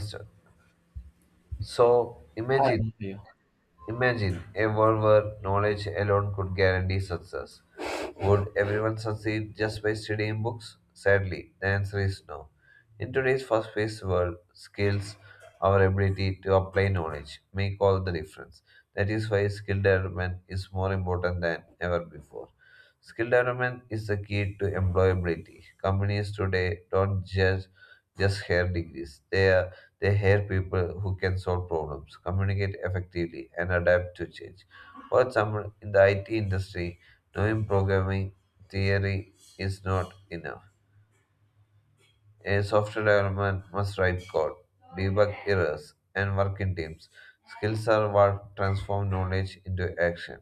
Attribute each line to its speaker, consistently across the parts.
Speaker 1: So, so
Speaker 2: Hi,
Speaker 1: imagine,
Speaker 2: Matthew.
Speaker 1: Imagine a world where knowledge alone could guarantee success. Would everyone succeed just by studying books? Sadly, the answer is no. In today's fast-paced world, skills, our ability to apply knowledge, make all the difference. That is why skill development is more important than ever before. Skill development is the key to employability. Companies today don't just hire degrees; they hire people who can solve problems, communicate effectively, and adapt to change. For example, in the IT industry, knowing programming theory is not enough. A software development must write code, debug errors, and work in teams. Skills are what transform knowledge into action.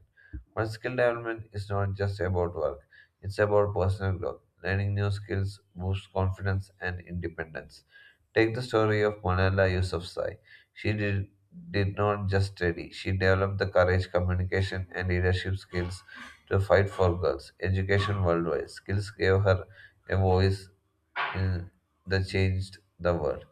Speaker 1: But skill development is not just about work, it's about personal growth. Learning new skills boosts confidence and independence. Take the story of Malala Yousafzai. She did not just study, she developed the courage, communication, and leadership skills to fight for girls' education worldwide. Skills gave her a voice uh, that changed the world.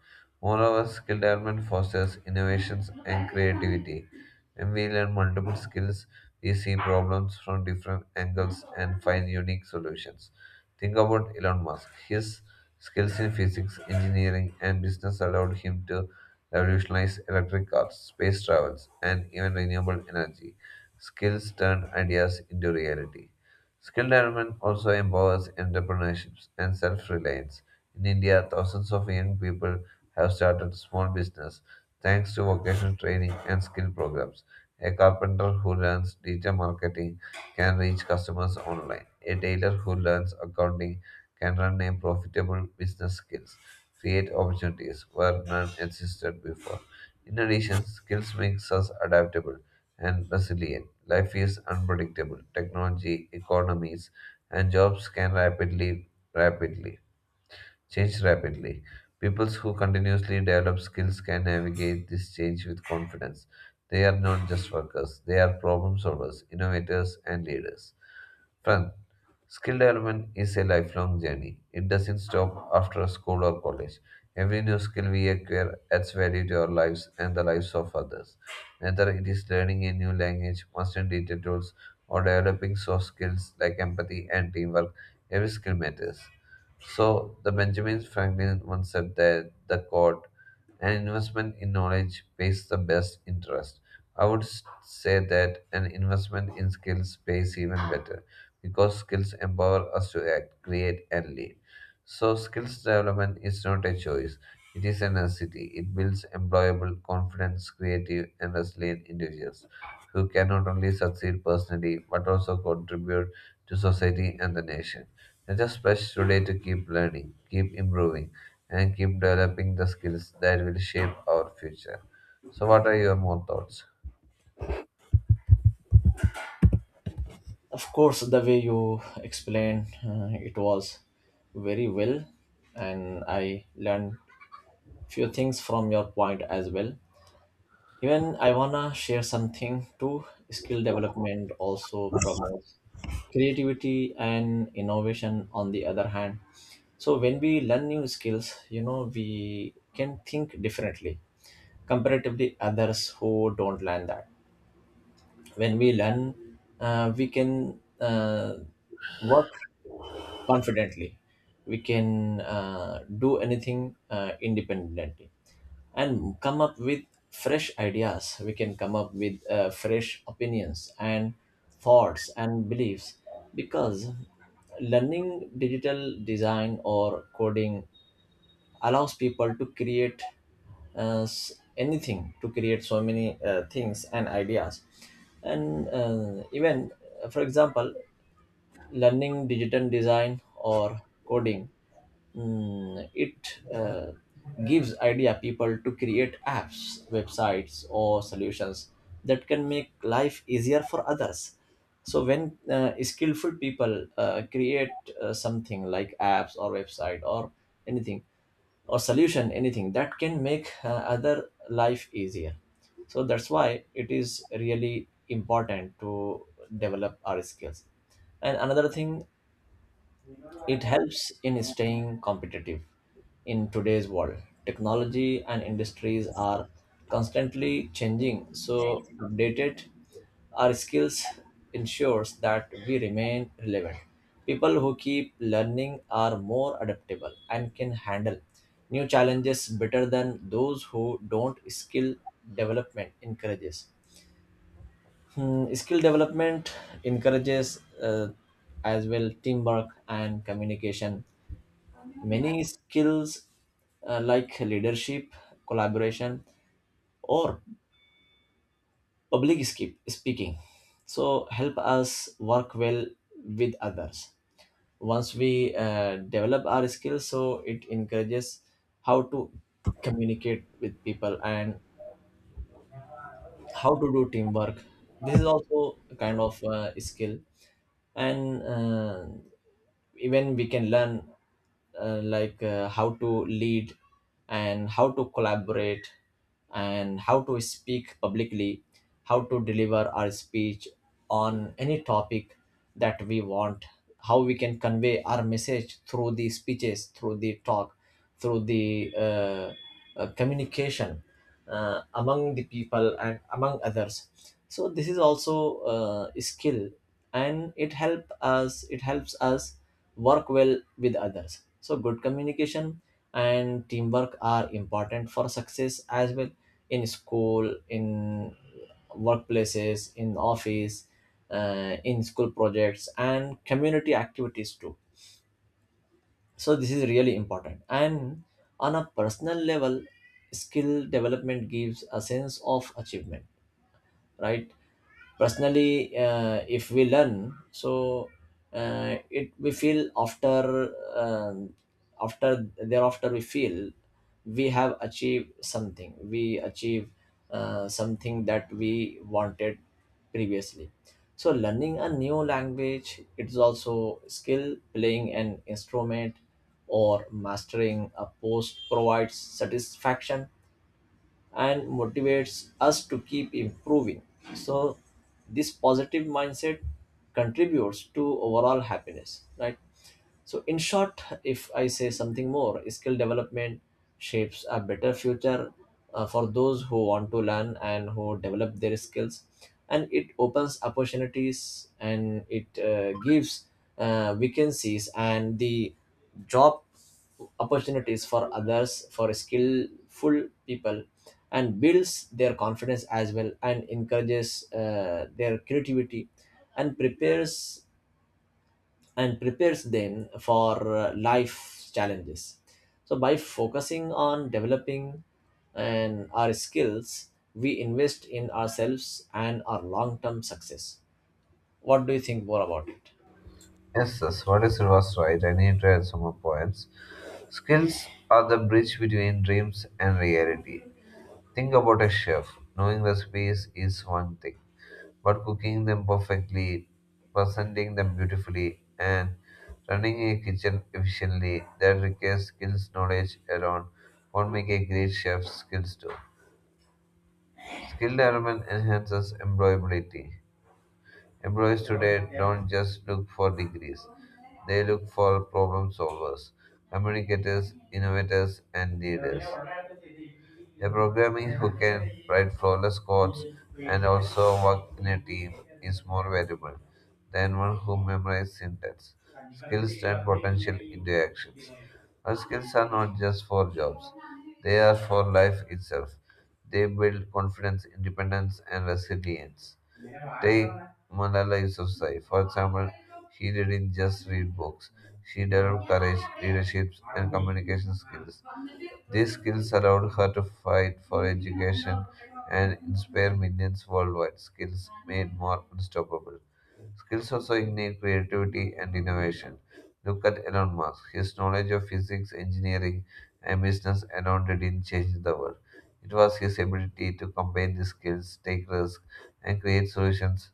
Speaker 1: Moreover, skill development fosters innovations and creativity. When we learn multiple skills, we see problems from different angles and find unique solutions. Think about Elon Musk. His skills in physics, engineering, and business allowed him to revolutionize electric cars, space travels, and even renewable energy. Skills turned ideas into reality. Skill development also empowers entrepreneurship and self reliance. In India, thousands of young people have started small business thanks to vocational training and skill programs. A carpenter who learns digital marketing can reach customers online. A tailor who learns accounting can run a profitable business skills, create opportunities where none existed before. In addition, skills makes us adaptable and resilient. Life is unpredictable. Technology, economies, and jobs can rapidly change rapidly. People who continuously develop skills can navigate this change with confidence. They are not just workers; they are problem solvers, innovators, and leaders. Friend, skill development is a lifelong journey. It doesn't stop after school or college. Every new skill we acquire adds value to our lives and the lives of others. Whether it is learning a new language, mastering digital tools, or developing soft skills like empathy and teamwork, every skill matters. So, the Benjamin Franklin once said that the quote, an investment in knowledge pays the best interest. I would say that an investment in skills pays even better because skills empower us to act, create, and lead. So, skills development is not a choice, it is a necessity. It builds employable, confident, creative, and resilient individuals who can not only succeed personally but also contribute to society and the nation. Let us pledge today to keep learning, keep improving, and keep developing the skills that will shape our future. So, what are your more thoughts?
Speaker 2: Of course, the way you explained it was very well, and I learned few things from your point as well. Even I wanna share something too. Skill development also promotes creativity and innovation. On the other hand, so when we learn new skills, you know we can think differently comparatively others who don't learn that. When we learn we can work confidently, we can do anything independently and come up with fresh ideas. We can come up with fresh opinions and thoughts and beliefs, because learning digital design or coding allows people to create anything, to create so many things and ideas. And even for example, learning digital design or coding, it gives idea people to create apps, websites, or solutions that can make life easier for others. So when skillful people create something like apps or website or anything or solution, anything that can make other life easier. So that's why it is really important to develop our skills. And another thing, it helps in staying competitive. In today's world, technology and industries are constantly changing, so updated our skills ensures that we remain relevant. People who keep learning are more adaptable and can handle new challenges better than those who don't. Development encourages. Skill development encourages as well teamwork and communication. Many skills like leadership, collaboration, or public skip, speaking, so help us work well with others. Once we develop our skills, so it encourages how to communicate with people and how to do teamwork. This is also a kind of skill, and even we can learn like how to lead and how to collaborate and how to speak publicly, how to deliver our speech on any topic that we want, how we can convey our message through the speeches, through the talk, through the communication among the people and among others. So this is also a skill, and it helps us work well with others. So, good communication and teamwork are important for success as well, in school, in workplaces, in office, in school projects, and community activities too. So, this is really important. And on a personal level, skill development gives a sense of achievement, right? Personally, if we learn, so it we feel after thereafter we feel we have achieved something. We achieve something that we wanted previously. So learning a new language, it is also skill, playing an instrument or mastering a post provides satisfaction and motivates us to keep improving. So, this positive mindset contributes to overall happiness, right? So, in short, if I say something more, skill development shapes a better future for those who want to learn and who develop their skills, and it opens opportunities, and it gives vacancies and the job opportunities for others, for skillful people, and builds their confidence as well, and encourages their creativity, and prepares and prepares them for life challenges. So by focusing on developing and our skills, we invest in ourselves and our long-term success. What do you think more about it?
Speaker 1: Yes, yes, what is was right? I need to add some more points. Skills are the bridge between dreams and reality. Think about a chef. Knowing recipes is one thing, but cooking them perfectly, presenting them beautifully, and running a kitchen efficiently that requires skills knowledge alone won't make a great chef skills too. Skill development enhances employability. Employees today don't just look for degrees, they look for problem solvers, communicators, innovators, and leaders. A programmer who can write flawless codes and also work in a team is more valuable than one who memorizes syntax. Skills turn potential into actions. Our skills are not just for jobs, they are for life itself. They build confidence, independence, and resilience. Take Mona Lisa's, for example, she didn't just read books, she developed courage, leadership, and communication skills. These skills allowed her to fight for education and inspire millions worldwide. Skills made more unstoppable. Skills also ignite creativity and innovation. Look at Elon Musk. His knowledge of physics, engineering, and business alone didn't change the world. It was his ability to combine these skills, take risks, and create solutions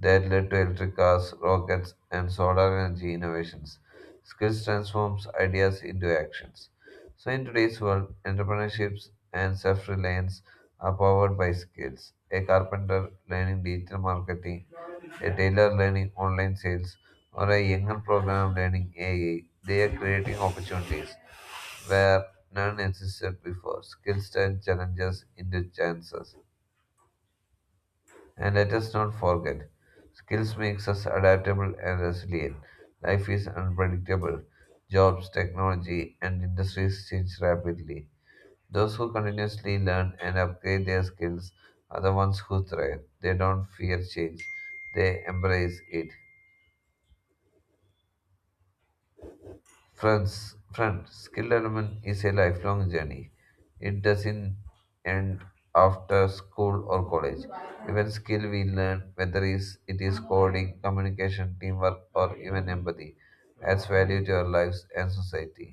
Speaker 1: that led to electric cars, rockets, and solar energy innovations. Skills transforms ideas into actions. So in today's world, entrepreneurships and self-reliance are powered by skills. A carpenter learning digital marketing, a tailor learning online sales, or a younger programmer learning AI. They are creating opportunities where none existed before. Skills turn challenges into chances. And let us not forget, skills makes us adaptable and resilient. Life is unpredictable. Jobs, technology, and industries change rapidly. Those who continuously learn and upgrade their skills are the ones who thrive. They don't fear change, they embrace it. Friends, skill development is a lifelong journey. It doesn't end after school or college. Even skill we learn, whether it is coding, communication, teamwork, or even empathy, adds value to our lives and society.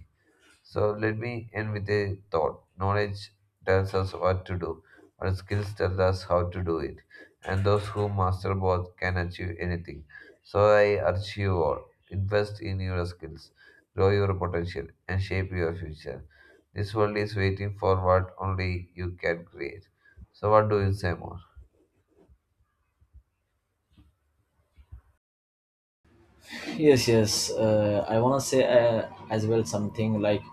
Speaker 1: So let me end with a thought. Knowledge tells us what to do, but skills tell us how to do it. And those who master both can achieve anything. So I urge you all, invest in your skills, grow your potential, and shape your future. This world is waiting for what only you can create. So, what do you say more?
Speaker 2: Yes, yes, I want to say as well something like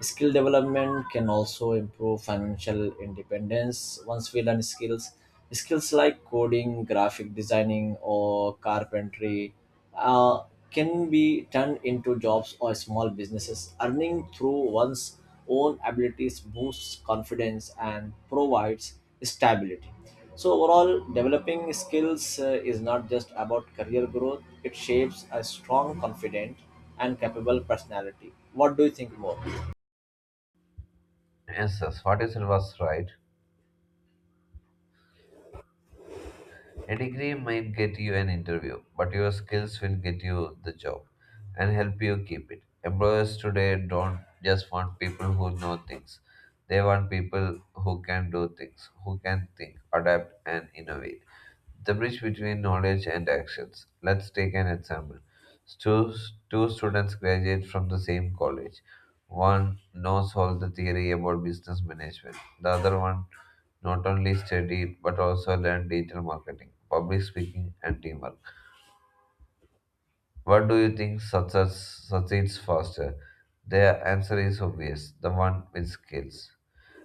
Speaker 2: skill development can also improve financial independence. Once we learn skills, skills like coding, graphic designing, or carpentry uh, can be turned into jobs or small businesses. Earning through one's own abilities boosts confidence and provides stability. So, overall, developing skills is not just about career growth, it shapes a strong, confident, and capable personality. What do you think more?
Speaker 1: Yes, yes. What you said was right. A degree might get you an interview, but your skills will get you the job and help you keep it. Employers today don't just want people who know things, they want people who can do things, who can think, adapt, and innovate. The bridge between knowledge and actions. Let's take an example. Two, two students graduate from the same college. One knows all the theory about business management. The other one not only studied but also learned digital marketing, public speaking, and teamwork. What do you think success succeeds faster? Their answer is obvious, the one with skills.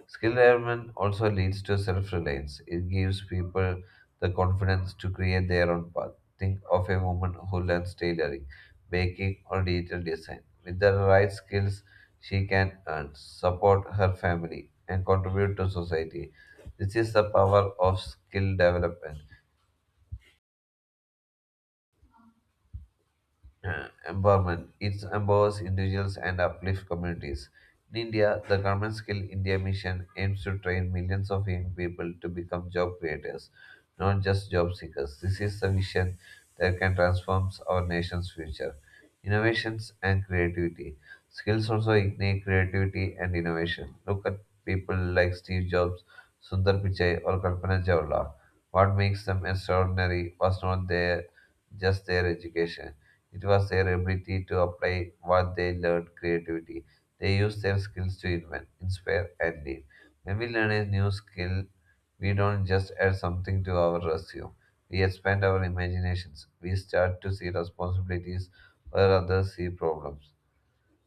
Speaker 1: Skill development also leads to self reliance. It gives people the confidence to create their own path. Think of a woman who learns tailoring, baking, or digital design. With the right skills, she can earn, support her family, and contribute to society. This is the power of skill development. Empowerment. It empowers individuals and uplifts communities. In India, the Government Skill India Mission aims to train millions of young people to become job creators, not just job seekers. This is the vision that can transform our nation's future. Innovations and creativity. Skills also ignite creativity and innovation. Look at people like Steve Jobs, Sundar Pichai, or Kalpana Chawla. What makes them extraordinary was not their just their education. It was their ability to apply what they learned creativity. They used their skills to invent, inspire, and lead. When we learn a new skill, we don't just add something to our resume. We expand our imaginations. We start to see responsibilities where others see problems.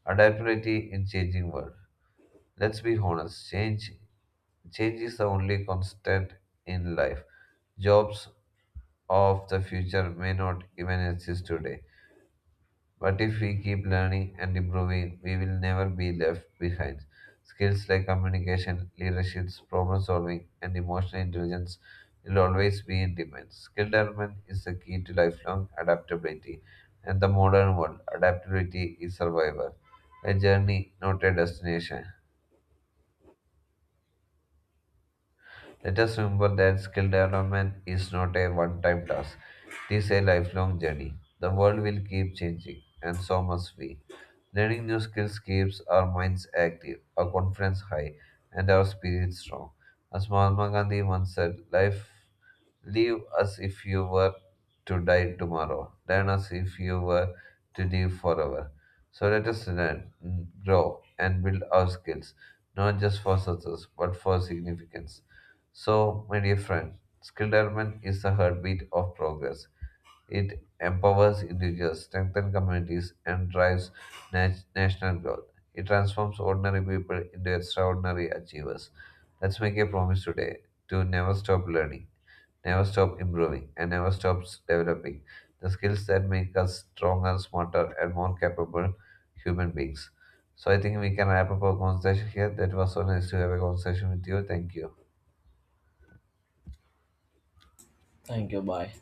Speaker 1: Adaptability in changing world. Let's be honest. Change is the only constant in life. Jobs of the future may not even exist today, but if we keep learning and improving, we will never be left behind. Skills like communication, leadership, problem solving, and emotional intelligence will always be in demand. Skill development is the key to lifelong adaptability. And the modern world, adaptability is survival, a journey, not a destination. Let us remember that skill development is not a one time task, it is a lifelong journey. The world will keep changing, and so must we. Learning new skills keeps our minds active, our confidence high, and our spirits strong. As Mahatma Gandhi once said, life live as if you were to die tomorrow, learn as if you were to live forever. So let us learn, grow, and build our skills, not just for success, but for significance. So, my dear friend, skill development is the heartbeat of progress. It empowers individuals, strengthens communities, and drives national growth. It transforms ordinary people into extraordinary achievers. Let's make a promise today to never stop learning, never stop improving, and never stop developing the skills that make us stronger, smarter, and more capable human beings. So, I think we can wrap up our conversation here. That was so nice to have a conversation with you. Thank you.
Speaker 2: Thank you. Bye.